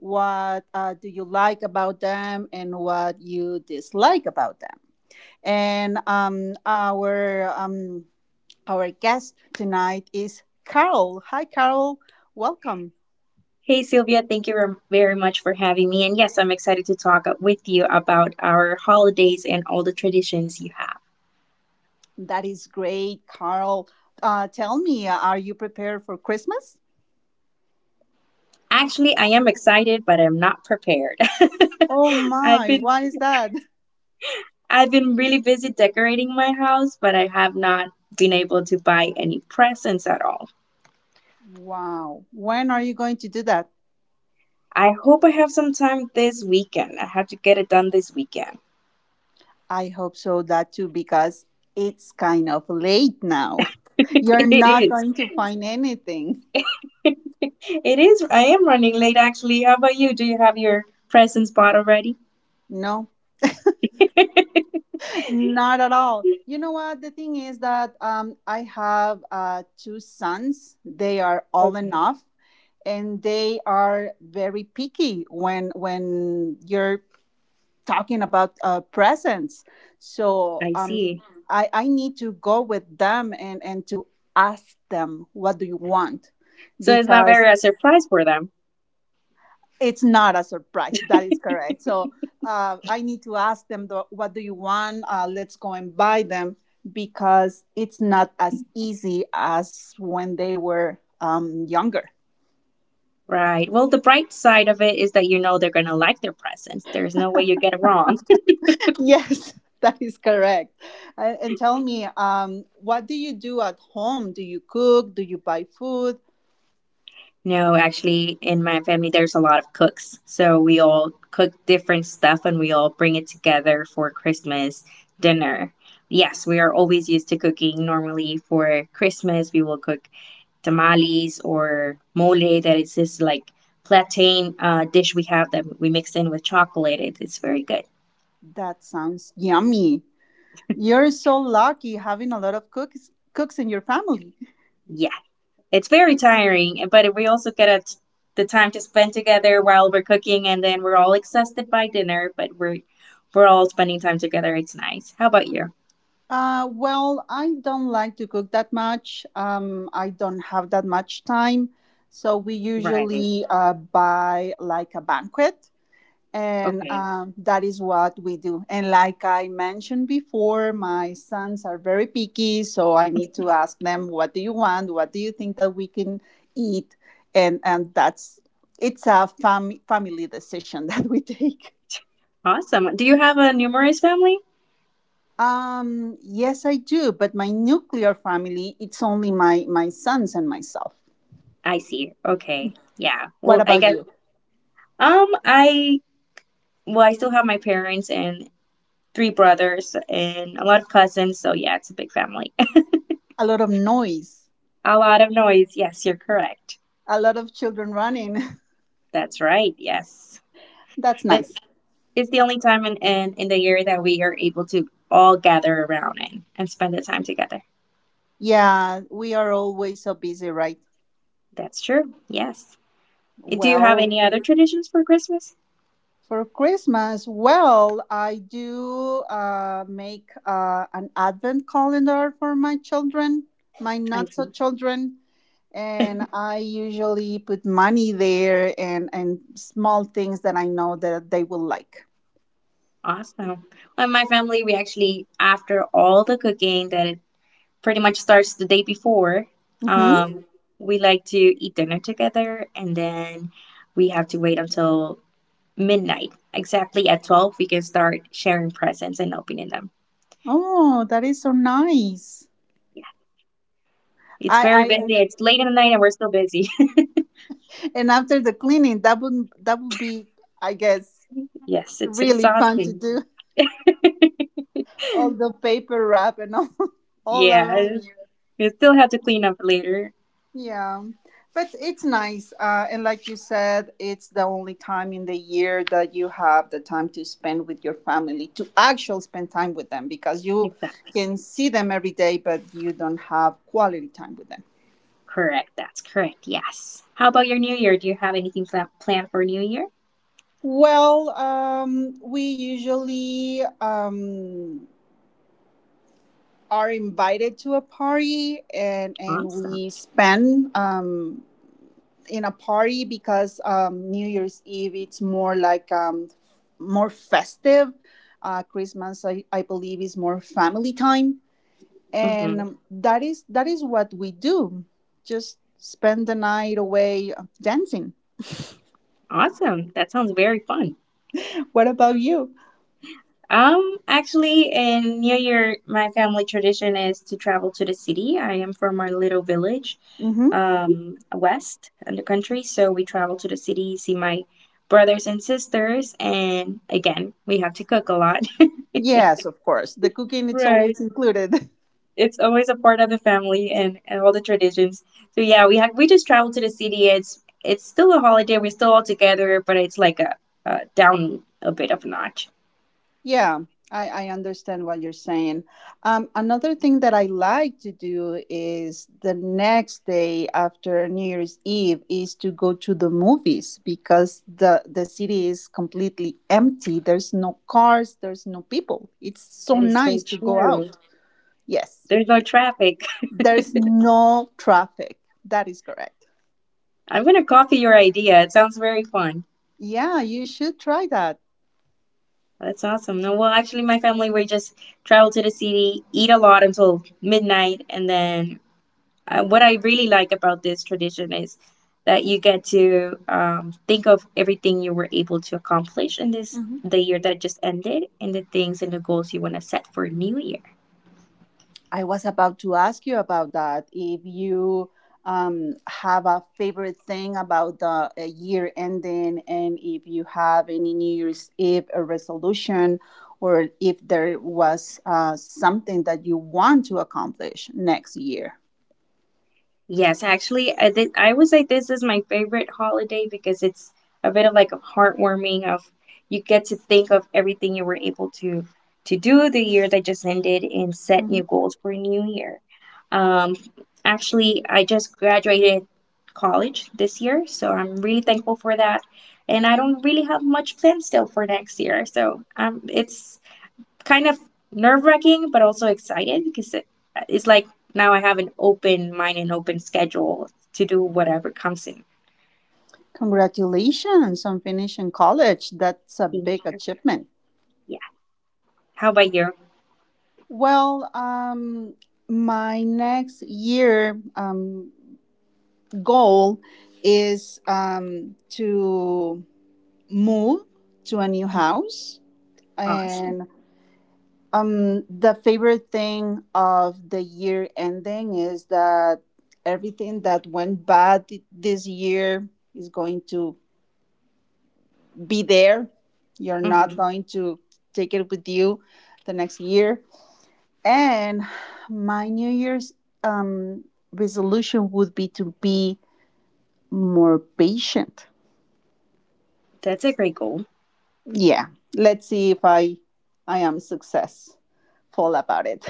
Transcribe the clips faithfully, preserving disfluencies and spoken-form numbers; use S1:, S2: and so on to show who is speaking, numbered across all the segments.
S1: What uh, do you like about them, and what you dislike about them? And um, our um, our guest tonight is Carol. Hi, Carol. Welcome.
S2: Hey Sylvia, thank you ver- very much for having me. And yes, I'm excited to talk with you about our holidays and all the traditions you have.
S1: That is great, Carol. Uh, tell me, are you prepared for Christmas?
S2: Actually, I am excited, but I'm not prepared.
S1: Oh
S2: I've
S1: my,
S2: been
S1: what is that?
S2: I've been really busy decorating my house, but I have not been able to buy any presents at all.
S1: Wow. When are you going to do that?
S2: I hope I have some time this weekend. I have to get it done this weekend.
S1: I hope so, that too, because it's kind of late now. You're
S2: It
S1: not
S2: is.
S1: going to find anything.
S2: It is. I am running late actually. How about you? Do you have your presents bought already?
S1: No, not at all. You know what? The thing is that um, I have uh, two sons. They are all
S2: Okay,
S1: enough, and they are very picky when when you're talking about uh, presents. So
S2: I
S1: um,
S2: see.
S1: I, I need to go with them, and, and to ask them, what do you want?
S2: So it's not
S1: Because
S2: very a surprise for them.
S1: it's not a surprise. That is correct. So uh, I need to ask them, the, what do you want? Uh, let's go and buy them because it's not as easy as when they were um, younger.
S2: Right. Well, the bright side of it is that you know they're going to like their presents. There's no way you get it wrong.
S1: Yes. That is correct. And and tell me, um, what do you do at home? Do you cook? Do you buy food?
S2: No, actually, in my family, there's a lot of cooks. So we all cook different stuff and we all bring it together for Christmas dinner. Yes, we are always used to cooking. Normally for Christmas, we will cook tamales or mole, that is this like plantain uh, dish we have that we mix in with chocolate. It, it's very good.
S1: That sounds yummy. You're so lucky having a lot of cooks cooks in your family.
S2: Yeah, it's very tiring, but we also get a, t- the time to spend together while we're cooking, and then we're all exhausted by dinner, but we're we're all spending time together. It's nice. How about you?
S1: Uh, well, I don't like to cook that much. Um, I don't have that much time, so we
S2: Right.
S1: usually uh, buy like a banquet. and
S2: Okay.
S1: um, that is what we do. And like I mentioned before, my sons are very picky, so I need to ask them, "What do you want? What do you think that we can eat?" And and that's it's a fam- family decision that we take.
S2: Awesome. Do you have a numerous family?
S1: Um, yes, I do, but my nuclear family, it's only my my sons and myself.
S2: I see. Okay. Yeah.
S1: What
S2: Well, I
S1: about
S2: guess
S1: you?
S2: um I, well I still have my parents and three brothers and a lot of cousins, so yeah, it's a big family.
S1: A lot of noise,
S2: A lot of noise. Yes, you're correct.
S1: a lot of children running.
S2: That's right. Yes.
S1: That's
S2: But
S1: nice.
S2: it's the only time in, in, in the year that we are able to all gather around and, and spend the time together.
S1: Yeah, we are always so busy, right?
S2: That's true. Yes. Do you have
S1: Well,
S2: any other traditions for Christmas?
S1: for Christmas, well, I do uh, make uh, an advent calendar for my children, my
S2: I
S1: not so
S2: see.
S1: children, and I usually put money there and and small things that I know that they will like.
S2: Awesome. Well, in my family, we actually, after all the cooking that it pretty much starts the day before,
S1: Hmm.
S2: um, we like to eat dinner together and then we have to wait until midnight. Exactly at twelve, we can start sharing presents and opening them.
S1: Oh, that is so nice.
S2: Yeah. It's very
S1: I
S2: busy.
S1: I
S2: It's late in the night and we're still busy.
S1: and after the cleaning, that would that would be, I guess,
S2: Yes, it's
S1: really fun to
S2: exhausting.
S1: do all the paper wrap and all all
S2: Yeah,
S1: around.
S2: we still have to clean up later.
S1: Yeah, but it's nice. Uh, and like you said, it's the only time in the year that you have the time to spend with your family, to actually spend time with them, because you
S2: Exactly.
S1: can see them every day, but you don't have quality time with them.
S2: Correct. That's correct. Yes. How about your New Year? Do you have anything pla- planned for New Year?
S1: Well, um, we usually um, are invited to a party, and, and
S2: Awesome.
S1: we spend um, in a party, because um, New Year's Eve it's more like um, more festive. Uh, Christmas, I, I believe, is more family time, and
S2: Hmm.
S1: um, that is that is what we do. Just spend the night away uh, dancing.
S2: Awesome. That sounds very fun.
S1: What about you?
S2: Um, Actually, in New Year, my family tradition is to travel to the city. I am from our little village,
S1: Hmm.
S2: um, west in the country, so we travel to the city, see my brothers and sisters, and again, we have to cook a lot.
S1: Yes, of course. The cooking it's
S2: Right,
S1: always included.
S2: it's always a part of the family and, and all the traditions. So yeah, we had we just traveled to the city. It's it's still a holiday. We're still all together, but it's like a, a down a bit of a notch.
S1: Yeah, I, I understand what you're saying. Um, another thing that I like to do is the next day after New Year's Eve is to go to the movies, because the the city is completely empty. There's no cars, there's no people. It's so
S2: That is so
S1: nice to go
S2: true.
S1: out. Yes,
S2: There's no traffic.
S1: there's no traffic. That is correct.
S2: I'm gonna copy your idea. It sounds very fun.
S1: Yeah, you should try that.
S2: That's awesome. No, well, actually, my family we just travel to the city, eat a lot until midnight, and then uh, what I really like about this tradition is that you get to um, think of everything you were able to accomplish in this
S1: Mm-hmm.
S2: the year that just ended and the things and the goals you want to set for new year.
S1: I was about to ask you about that, if you um, have a favorite thing about the uh, year ending, and if you have any New Year's Eve uh, resolution, or if there was uh, something that you want to accomplish next year.
S2: Yes, actually, I, th- I would say this is my favorite holiday because it's a bit of like a heartwarming of you get to think of everything you were able to to do the year that just ended and set new
S1: Mhm.
S2: goals for new year. Um, Actually, I just graduated college this year, so I'm really thankful for that. And I don't really have much planned still for next year, so um, it's kind of nerve wracking, but also excited because it, it's like now I have an open mind and open schedule to do whatever comes in.
S1: Congratulations on finishing college. That's a
S2: Thank
S1: big
S2: you.
S1: achievement.
S2: Yeah. How about you?
S1: Well, um, my next year um, goal is um, to move to a new
S2: Mhm.
S1: house,
S2: Awesome.
S1: and um, the favorite thing of the year ending is that everything that went bad th- this year is going to be there. You're not
S2: Hmm.
S1: going to take it with you the next year. And my New Year's um, resolution would be to be more patient.
S2: That's a great goal.
S1: Yeah, let's see if i i am successful about it.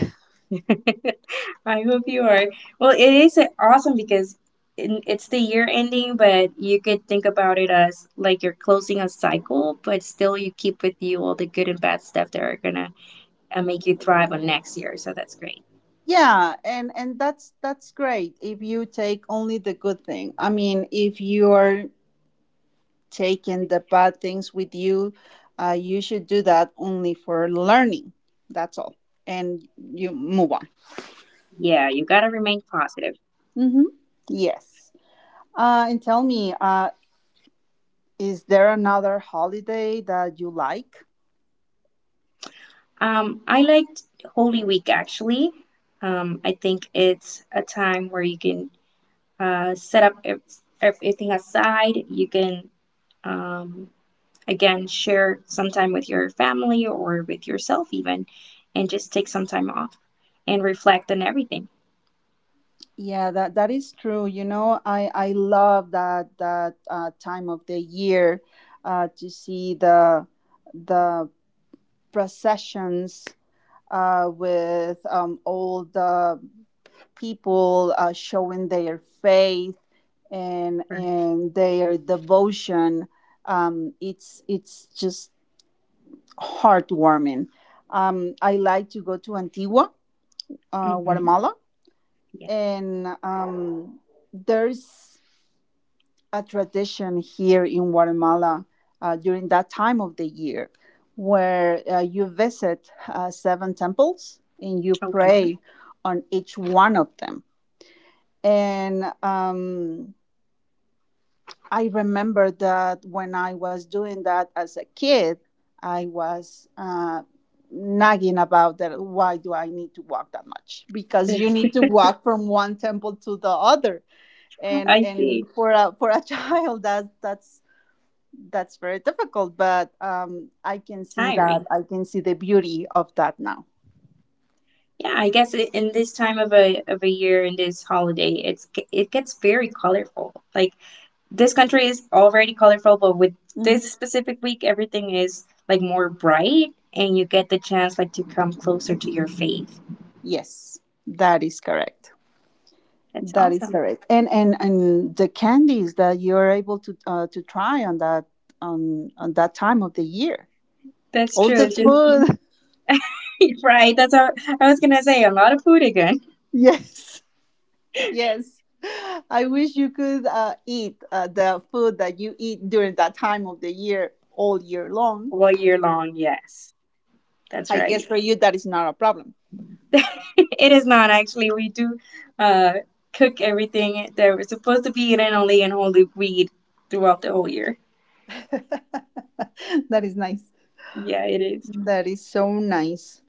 S2: I hope you are. Well, it is a- awesome because in- it's the year ending, but you could think about it as like you're closing a cycle, but still you keep with you all the good and bad stuff that are gonna uh, make you thrive on next year. So that's great.
S1: Yeah, and and that's that's great if you take only the good thing. I mean, if you're taking the bad things with you, uh, you should do that only for learning, that's all, and you move on.
S2: Yeah, you gotta remain positive.
S1: Mm-hmm. Yes. Uh, and tell me, uh, is there another holiday that you like?
S2: Um, I liked Holy Week actually. Um, I think it's a time where you can uh, set up ev- everything aside. You can, um, again, share some time with your family or with yourself, even, and just take some time off and reflect on everything.
S1: Yeah, that that is true. You know, I I love that that uh, time of the year uh, to see the the processions uh, with um, all the people uh, showing their faith and
S2: Right.
S1: and their devotion. Um, it's it's just heartwarming. Um, I like to go to Antigua, uh,
S2: Mm-hmm.
S1: Guatemala,
S2: Yeah.
S1: and um, there's a tradition here in Guatemala uh, during that time of the year, where uh, you visit uh, seven temples and you
S2: Okay.
S1: pray on each one of them. And um, I remember that when I was doing that as a kid, I was uh, nagging about that. Why do I need to walk that much? Because you need to walk from one temple to the other, and
S2: I see.
S1: and for a for a child that that's That's very difficult, but um, I can see that.
S2: Tiring.
S1: I can see the beauty of that now.
S2: Yeah, I guess I in this time of a of a year in this holiday, it's g- it gets very colorful. Like this country is already colorful, but with
S1: Mhm.
S2: this specific week, everything is like more bright, and you get the chance like to come closer to your faith.
S1: Yes, that is correct.
S2: That's
S1: That is
S2: awesome.
S1: correct. And and and the candies that you're able to uh, to try on that on on that time of the year.
S2: That's
S1: All
S2: true.
S1: the
S2: It's just-
S1: food.
S2: right. That's how I was gonna say. A lot of food again
S1: Yes. Yes. I wish you could uh, eat uh, the food that you eat during that time of the year all year long.
S2: all year long. Yes, that's
S1: I guess
S2: right.
S1: for you that is not a problem.
S2: It is not actually. We do uh cook everything that we're supposed to be eating only in Holy Week throughout the whole year.
S1: That is nice.
S2: Yeah, it is.
S1: That is so nice.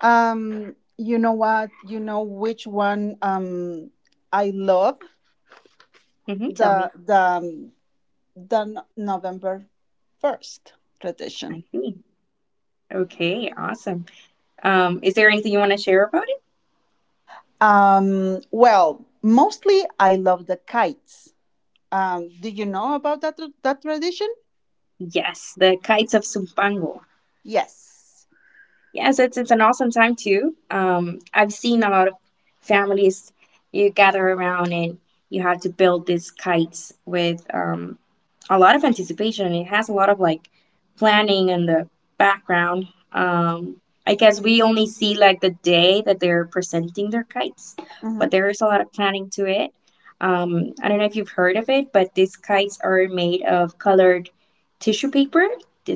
S1: Um, you know what? You know which one. um I love
S2: Mm-hmm, tell
S1: the
S2: me.
S1: the um, the No- November first tradition.
S2: I see. Okay, awesome. Um, is there anything you want to share about
S1: Um, well, mostly I love the kites. Um, did you know about that that tradition?
S2: it? Yes, the kites of Sumpango.
S1: Yes.
S2: Yes, it's it's an awesome time too. Um, I've seen a lot of families you gather around and you have to build these kites with um, a lot of anticipation. It has a lot of like planning in the background. Um, I guess we only see like the day that they're presenting their kites, but
S1: Mm-hmm.
S2: there is a lot of planning to it. Um, I don't know if you've heard of it, but these kites are made of colored tissue paper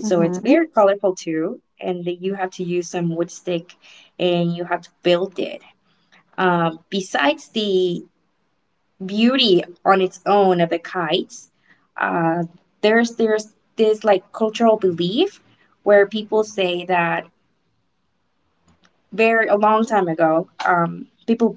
S2: so it's
S1: Mm-hmm.
S2: very colorful too, and that you have to use some wood stick and you have to build it. Um, besides the beauty on its own of the kites, uh, there's there's this like cultural belief where people say that very a long time ago, um, people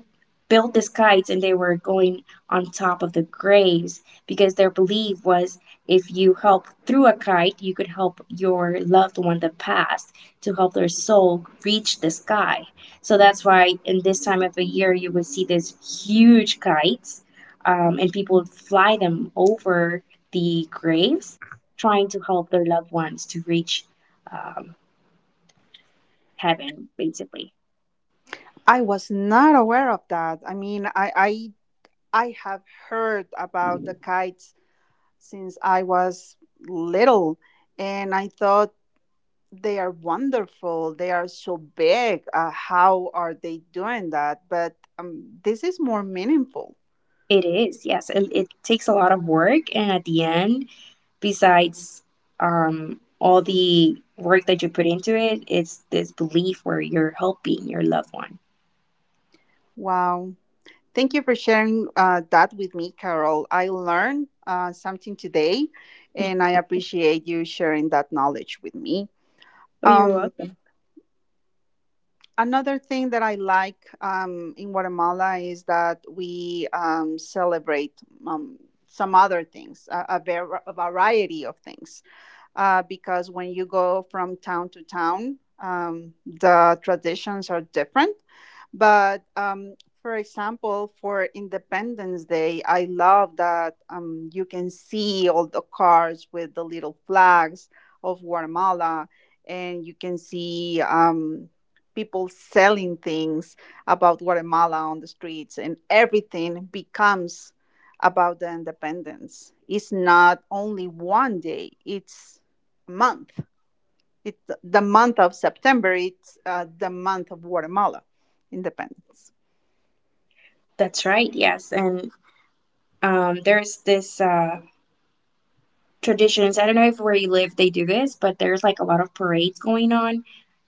S2: built these kites and they were going on top of the graves because their belief was if you help through a kite, you could help your loved one that passed to help their soul reach the sky. So that's why in this time of the year you would see these huge kites, um, and people would fly them over the graves, trying to help their loved ones to reach um, heaven, basically.
S1: I was not aware of that. I mean, I I I have heard about the kites since I was little. And I thought they are wonderful. They are so big. Uh, how are they doing that? But um, this is more meaningful.
S2: It is, yes. It, it takes a lot of work. And at the end, besides um, all the work that you put into it, it's this belief where you're helping your loved one.
S1: Wow. Thank you for sharing uh, that with me, Carol. I learned uh, something today, and I appreciate you sharing that knowledge with me.
S2: Oh, you're
S1: Um.
S2: welcome.
S1: Another thing that I like um, in Guatemala is that we um, celebrate um, some other things, a, a var- a variety of things, uh, because when you go from town to town, um, the traditions are different. But um, for example, for Independence Day, I love that um, you can see all the cars with the little flags of Guatemala, and you can see um, people selling things about Guatemala on the streets, and everything becomes about the independence. It's not only one day, it's month. It's the month of September, it's uh, the month of Guatemala independence.
S2: That's right, yes. And um, there's this uh, traditions. I don't know if where you live they do this, but there's like a lot of parades going on.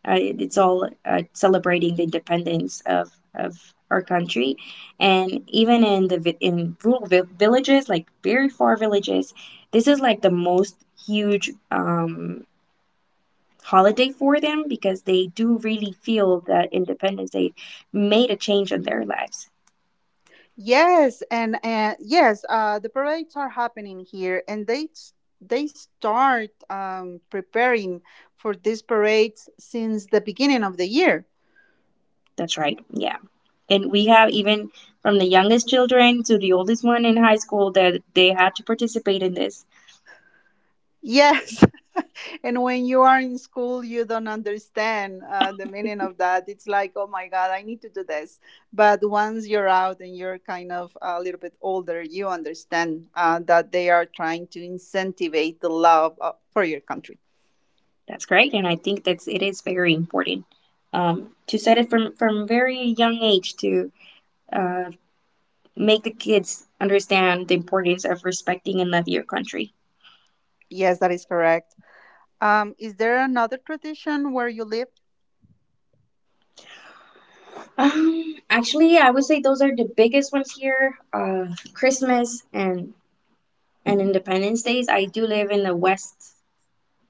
S2: Uh, it- it's all uh, celebrating the independence of of our country, and even in the vi- in rural vi- villages, like very far villages, this is like the most huge um, holiday for them because they do really feel that Independence Day made a change in their lives.
S1: Yes, and, and yes, uh, the parades are happening here, and they they start um, preparing for these parades since the beginning of the year.
S2: That's right. Yeah. And we have even from the youngest children to the oldest one in high school that they had to participate in this.
S1: Yes. And when you are in school, you don't understand uh, the meaning of that. It's like, oh my God, I need to do this. But once you're out and you're kind of a little bit older, you understand uh, that they are trying to incentivize the love uh, for your country.
S2: That's great, and I think that's it is very important um, to set it from from very young age to uh, make the kids understand the importance of respecting and love your country.
S1: Yes, that is correct. Um, is there another tradition where you live?
S2: Um, actually, I would say those are the biggest ones here. Uh, Christmas and and Independence Days. I do live in the west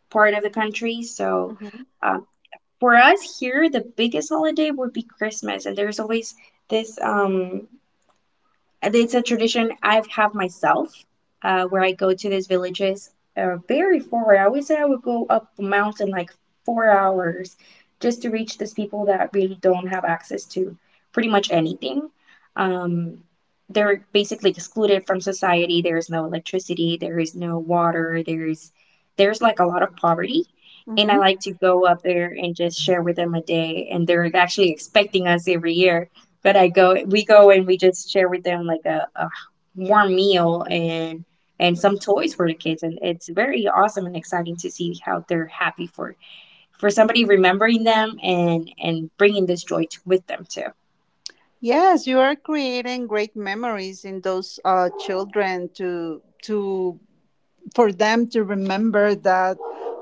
S2: part of the country, so
S1: Hmm.
S2: uh, for us here, the biggest holiday would be Christmas, and there's always this um uh, it's a tradition I have myself uh, where I go to these villages uh, very far. I always say I would go up a mountain like four hours just to reach these people that really don't have access to pretty much anything. Um, they're basically excluded from society. There is no electricity. There is no water. There's there's like a lot of poverty. And
S1: Hmm.
S2: I like to go up there and just share with them a day. And they're actually expecting us every year but I go, we go and we just share with them like a, a warm meal and and some toys for the kids, and it's very awesome and exciting to see how they're happy for for somebody remembering them and and bringing this joy to, with them too.
S1: Yes, you are creating great memories in those uh, children, to to for them to remember that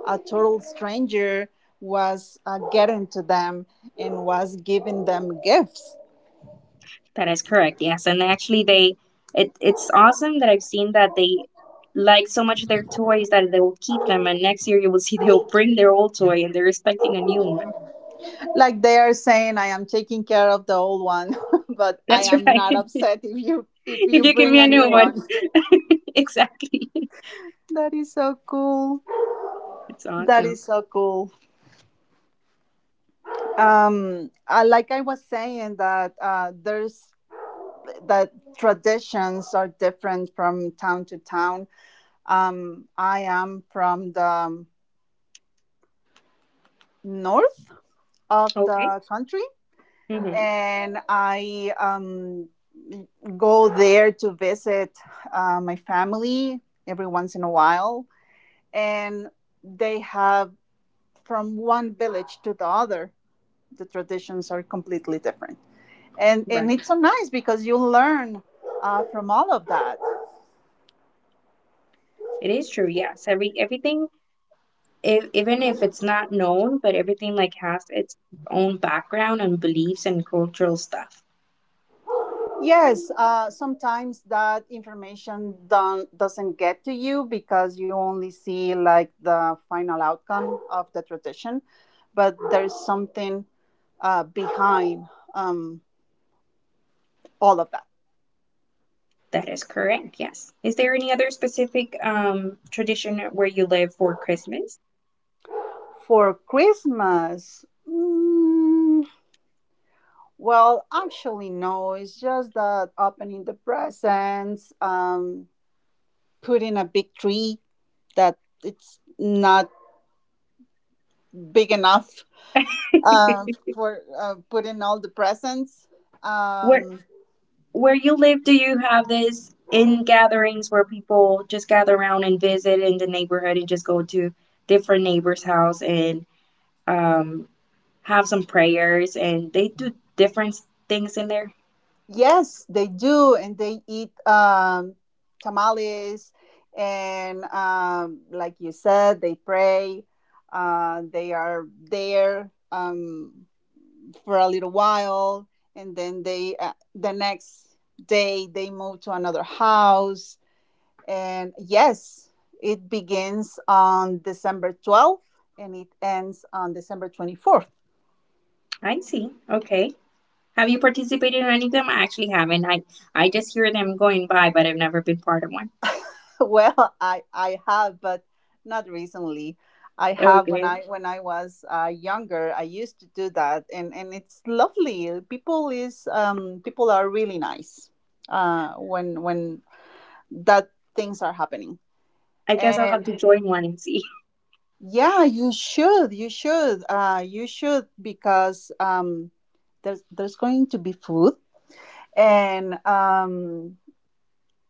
S1: a total stranger was uh, getting to them and was giving them gifts.
S2: That is correct. Yes, and actually they it it's awesome that I've seen that they like so much their toys that they will keep them and next year you will see they'll bring their old toy and they're expecting a new one.
S1: Like they are saying, I am taking care of the old one, but I
S2: That's
S1: am
S2: right.
S1: not upset if you if
S2: If
S1: you
S2: you give me
S1: bring
S2: a
S1: a new
S2: new one.
S1: one.
S2: Exactly.
S1: That is so cool.
S2: It's
S1: That
S2: awesome.
S1: is so cool. Um, uh, like I was saying, that uh, there's, that traditions are different from town to town. Um, I am from the north of
S2: Okay.
S1: the country,
S2: Mm-hmm.
S1: and I um, go there to visit uh, my family every once in a while. And they have, from one village to the other, the traditions are completely different. And, and
S2: Right.
S1: it's so nice because you learn uh, from all of that.
S2: It is true. Yes. Every everything, if, even if it's not known, but everything like has its own background and beliefs and cultural stuff.
S1: Yes, uh, sometimes that information don't, doesn't get to you, because you only see like the final outcome of the tradition, but there's something uh, behind um, all of that.
S2: That is correct. Yes. Is there any other specific um tradition where you live for Christmas?
S1: For Christmas, mm, well, actually, no, it's just that opening the presents, um, putting a big tree that it's not big enough uh, for uh, putting all the presents.
S2: Where
S1: Um,
S2: where you live, do you have this in gatherings where people just gather around and visit in the neighborhood and just go to different neighbors' house and um, have some prayers and they do different things in there?
S1: yes, they do, and they eat um, tamales, and um, like you said, they pray. Uh, they are there um, for a little while, and then they, uh, the next day, they move to another house. And yes, it begins on December twelfth and it ends on December twenty fourth.
S2: I see. Okay. Have you participated in any of them? I actually haven't. I I just hear them going by, but I've never been part of one.
S1: Well, I I have, but not recently. I have when
S2: Okay.
S1: I when I was uh, younger. I used to do that, and and it's lovely. Uh, People is um people are really nice uh when when that things are happening.
S2: I guess I'll have
S1: And
S2: to join one and see.
S1: yeah, you should, you should, uh, you should because um there's there's going to be food and um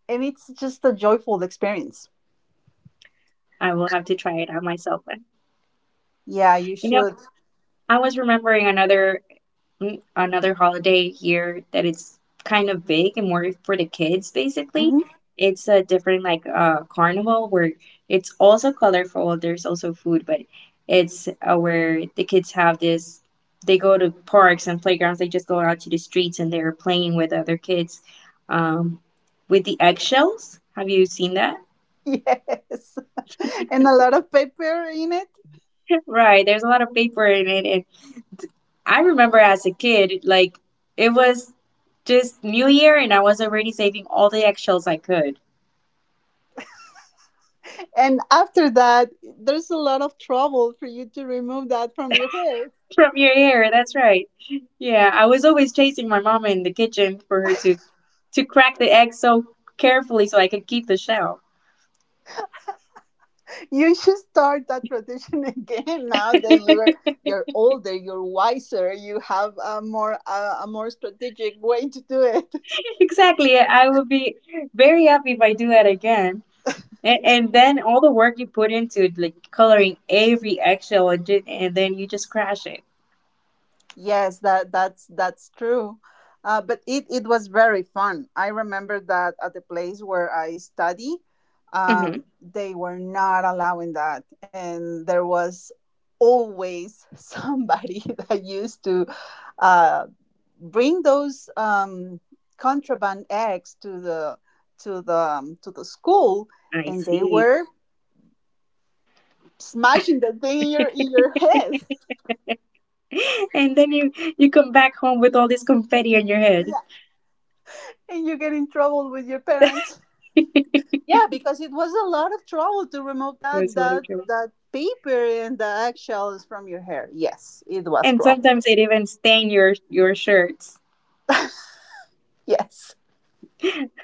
S1: and it's just a joyful experience.
S2: I will have to try it out myself then.
S1: Yeah, you
S2: You know,
S1: should.
S2: I was remembering another n- another holiday here that it's kind of big and more for the kids basically.
S1: Mm-hmm.
S2: It's a different like uh carnival where it's also colorful. There's also food, but it's uh, where the kids have this, they go to parks and playgrounds. They just go out to the streets and they're playing with other kids um with the eggshells. Have you seen that?
S1: Yes, and a lot of paper in it.
S2: Right, there's a lot of paper in it, and I remember as a kid, like it was just New Year, and I was already saving all the eggshells I could
S1: And after that, there's a lot of trouble for you to remove that from your hair.
S2: from your hair. That's right. Yeah, I was always chasing my mama in the kitchen for her to to crack the egg so carefully so I could keep the shell.
S1: You should start that tradition again now that you're you're older, you're wiser, you have a more a, a more strategic way to do it.
S2: Exactly. I would be very happy if I do that again. And, and then all the work you put into it, like coloring every eggshell, and, ju- and then you just crash it.
S1: Yes, that that's that's true. Uh, but it it was very fun. I remember that at the place where I study,
S2: hmm
S1: um, they were not allowing that, and there was always somebody that used to uh, bring those um, contraband eggs to the to the um, to the school,
S2: I
S1: and they
S2: see.
S1: were smashing the thing in your in your head,
S2: And then you you come back home with all this confetti on your head.
S1: yeah, and you get in trouble with your parents.
S2: It
S1: Yeah, because it was a lot of trouble to remove
S2: was
S1: that
S2: what a
S1: that
S2: trip.
S1: that paper and the eggshells from your hair. Yes, it was
S2: And
S1: trouble.
S2: sometimes it even stain your your shirts.
S1: Yes.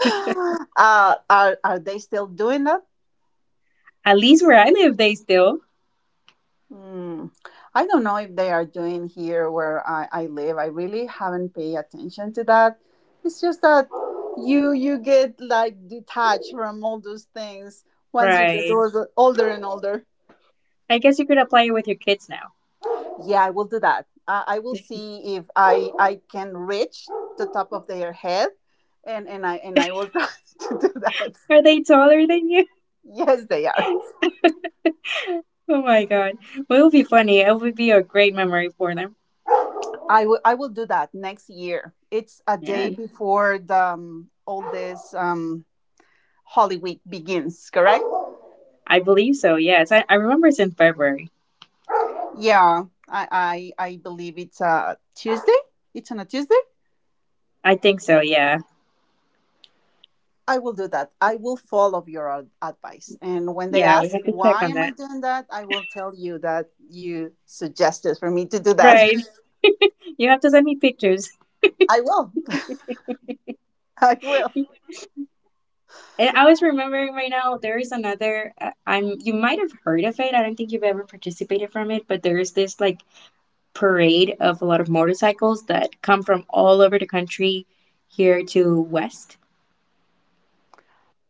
S1: Uh, are are they still doing that?
S2: At least where I live, they still.
S1: Hmm. I don't know if they are doing here where I, I live. I really haven't paid attention to that. It's just that you you get like detached from all those things once you get
S2: Right.
S1: older, older and older.
S2: I guess you could apply it with your kids now.
S1: Yeah, I will do that. Uh, I will see if I I can reach the top of their head, and and I and I will try to do that.
S2: Are they taller than you?
S1: Yes, they are.
S2: Oh my god. Well, it would be funny. It would be a great memory for them.
S1: I will I will do that next year. It's a
S2: Yeah.
S1: day before the um, all this um, Holy Week begins. Correct?
S2: I believe so, yes. I, I remember it's in February.
S1: Yeah, I I, I believe it's a Tuesday. It's on a Tuesday.
S2: I think so, yeah.
S1: I will do that. I will follow your ad- advice. And when they
S2: Yeah, we
S1: ask
S2: have to check
S1: why
S2: on
S1: am I
S2: that.
S1: doing that, I will tell you that you suggested for me to do that.
S2: Right. You have to send me pictures.
S1: I will. I will.
S2: And I was remembering right now, there is another. Uh, I'm you might have heard of it. I don't think you've ever participated from it, but there is this like parade of a lot of motorcycles that come from all over the country here to West.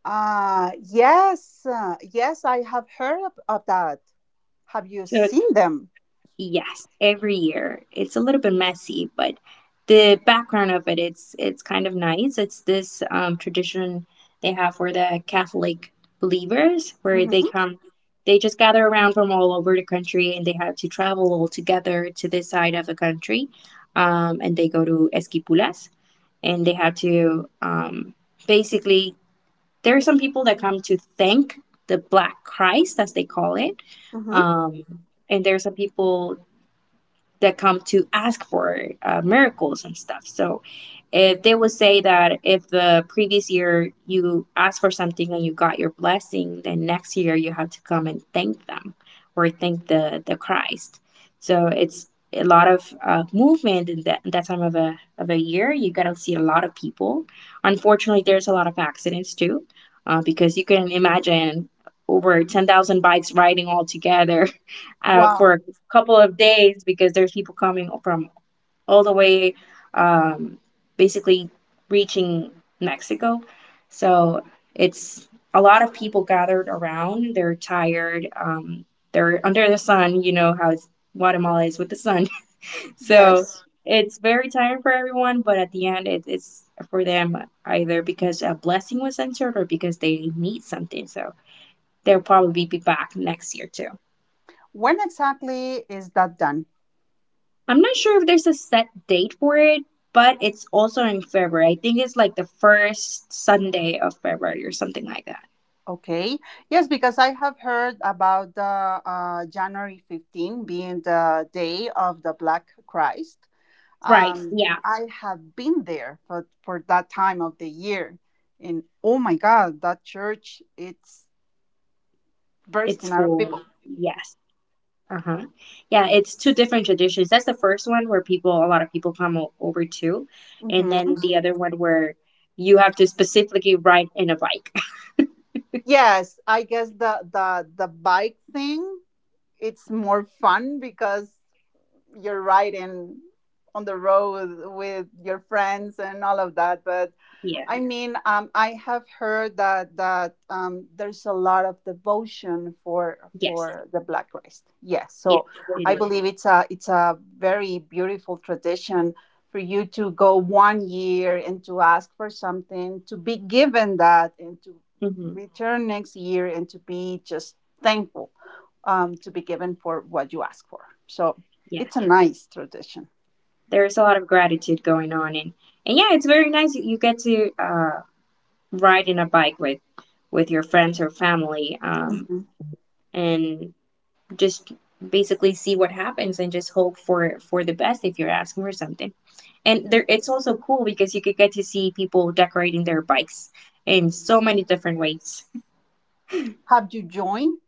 S1: Uh yes, uh, yes, I have heard of, of that. Have you
S2: So
S1: seen them?
S2: yes, every year. It's a little bit messy, but the background of it, it's it's kind of nice. It's this um, tradition they have for the Catholic believers, where they
S1: Hmm.
S2: come, they just gather around from all over the country, and they have to travel all together to this side of the country, um, and they go to Esquipulas, and they have to um, basically. There are some people that come to thank the Black Christ, as they call it.
S1: Hmm.
S2: Um, and there are some people that come to ask for uh, miracles and stuff. So if they would say that if the previous year you asked for something and you got your blessing, then next year you have to come and thank them or thank the the Christ. So it's a lot of uh, movement in that, that time of a of a year. You gotta see a lot of people. Unfortunately, there's a lot of accidents too, uh, because you can imagine over ten thousand bikes riding all together uh, for
S1: Wow.
S2: a couple of days because there's people coming from all the way, um, basically reaching Mexico. So it's a lot of people gathered around. They're tired. Um, they're under the sun. You know how it's, Guatemala is with the sun. So
S1: Yes.
S2: it's very tiring for everyone, but at the end, it, it's for them either because a blessing was entered or because they need something. So they'll probably be back next year too.
S1: When exactly is that done?
S2: I'm not sure if there's a set date for it, but it's also in February. I think it's like the first Sunday of February or something like that.
S1: Okay. Yes, because I have heard about the uh, January fifteenth being the day of the Black Christ.
S2: Right.
S1: Um,
S2: Yeah.
S1: I have been there for, for that time of the year. And oh my God, that church, it's
S2: It's
S1: bursting out of
S2: full.
S1: people.
S2: Yes. Uh huh. Yeah. It's two different traditions. That's the first one where people, a lot of people come o- over to, and
S1: Hmm.
S2: then the other one where you have to specifically ride in a bike.
S1: Yes, I guess the, the, the bike thing, it's more fun because you're riding on the road with your friends and all of that. But
S2: Yeah.
S1: I mean, um, I have heard that that um, there's a lot of devotion for
S2: Yes.
S1: for the Black Christ. Yes,
S2: Yes.
S1: so
S2: It
S1: I
S2: is.
S1: believe it's a it's a very beautiful tradition for you to go one year and to ask for something, to be given that, and to
S2: Mm-hmm.
S1: return next year and to be just thankful um, to be given for what you ask for. So
S2: Yes.
S1: it's a nice tradition.
S2: There's a lot of gratitude going on, and and yeah, it's very nice. You get to uh riding a bike with with your friends or family um,
S1: Mhm.
S2: and just basically see what happens and just hope for for the best if you're asking for something, and there it's also cool because you could get to see people decorating their bikes in so many different ways.
S1: Have you joined?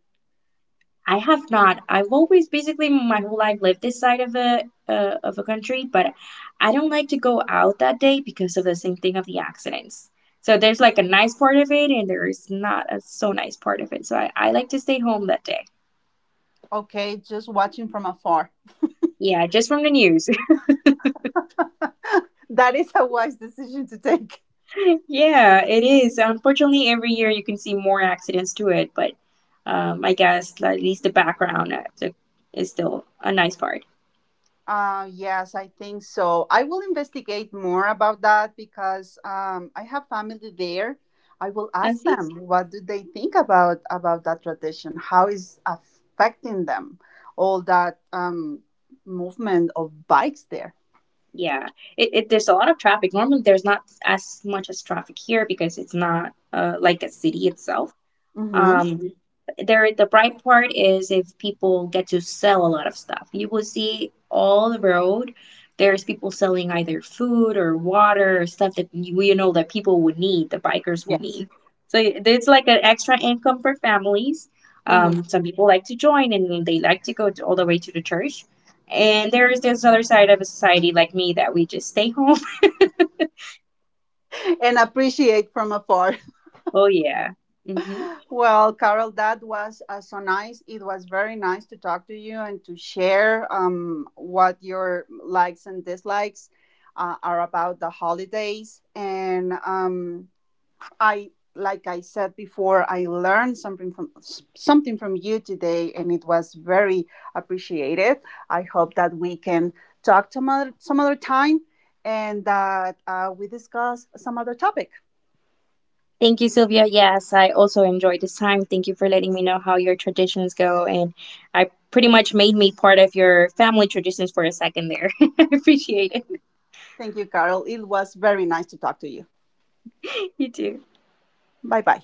S2: I have not. I've always basically my whole life lived this side of a uh, of a country, but I don't like to go out that day because of the same thing of the accidents. So there's like a nice part of it, and there is not a so nice part of it. So I, I like to stay home that day.
S1: Okay, just watching from afar.
S2: Yeah, just from the news.
S1: That is a wise decision to take.
S2: Yeah, it is. Unfortunately, every year you can see more accidents to it, but um, I guess like, at least the background uh, the- is still a nice part.
S1: Uh, yes, I think so. I will investigate more about that because um, I have family there. I will ask
S2: Así.
S1: them what do they think about about that tradition. How is affecting them all that um, movement of bikes there?
S2: Yeah, it, it there's a lot of traffic. Normally, there's not as much as traffic here because it's not uh, like a city itself.
S1: Mm-hmm.
S2: Um, there, the bright part is if people get to sell a lot of stuff. You will see all the road. There's people selling either food or water or stuff that you, you know that people would need, the bikers would
S1: Yes.
S2: need. So it- it's like an extra income for families.
S1: Mm-hmm.
S2: Um, some people like to join and they like to go to, all the way to the church. And there is this other side of a society like me that we just stay home.
S1: And appreciate from afar.
S2: Oh yeah. hmm
S1: Well, Carol, that was uh, so nice. It was very nice to talk to you and to share um, what your likes and dislikes uh, are about the holidays. And um, I, like I said before, I learned something from something from you today, and it was very appreciated. I hope that we can talk some other, some other time and that uh, we discuss some other topic.
S2: Thank you, Sylvia. Yes, I also enjoyed this time. Thank you for letting me know how your traditions go. And I pretty much made me part of your family traditions for a second there. I appreciate it.
S1: Thank you, Carol. It was very nice to talk to you.
S2: You too.
S1: Bye bye.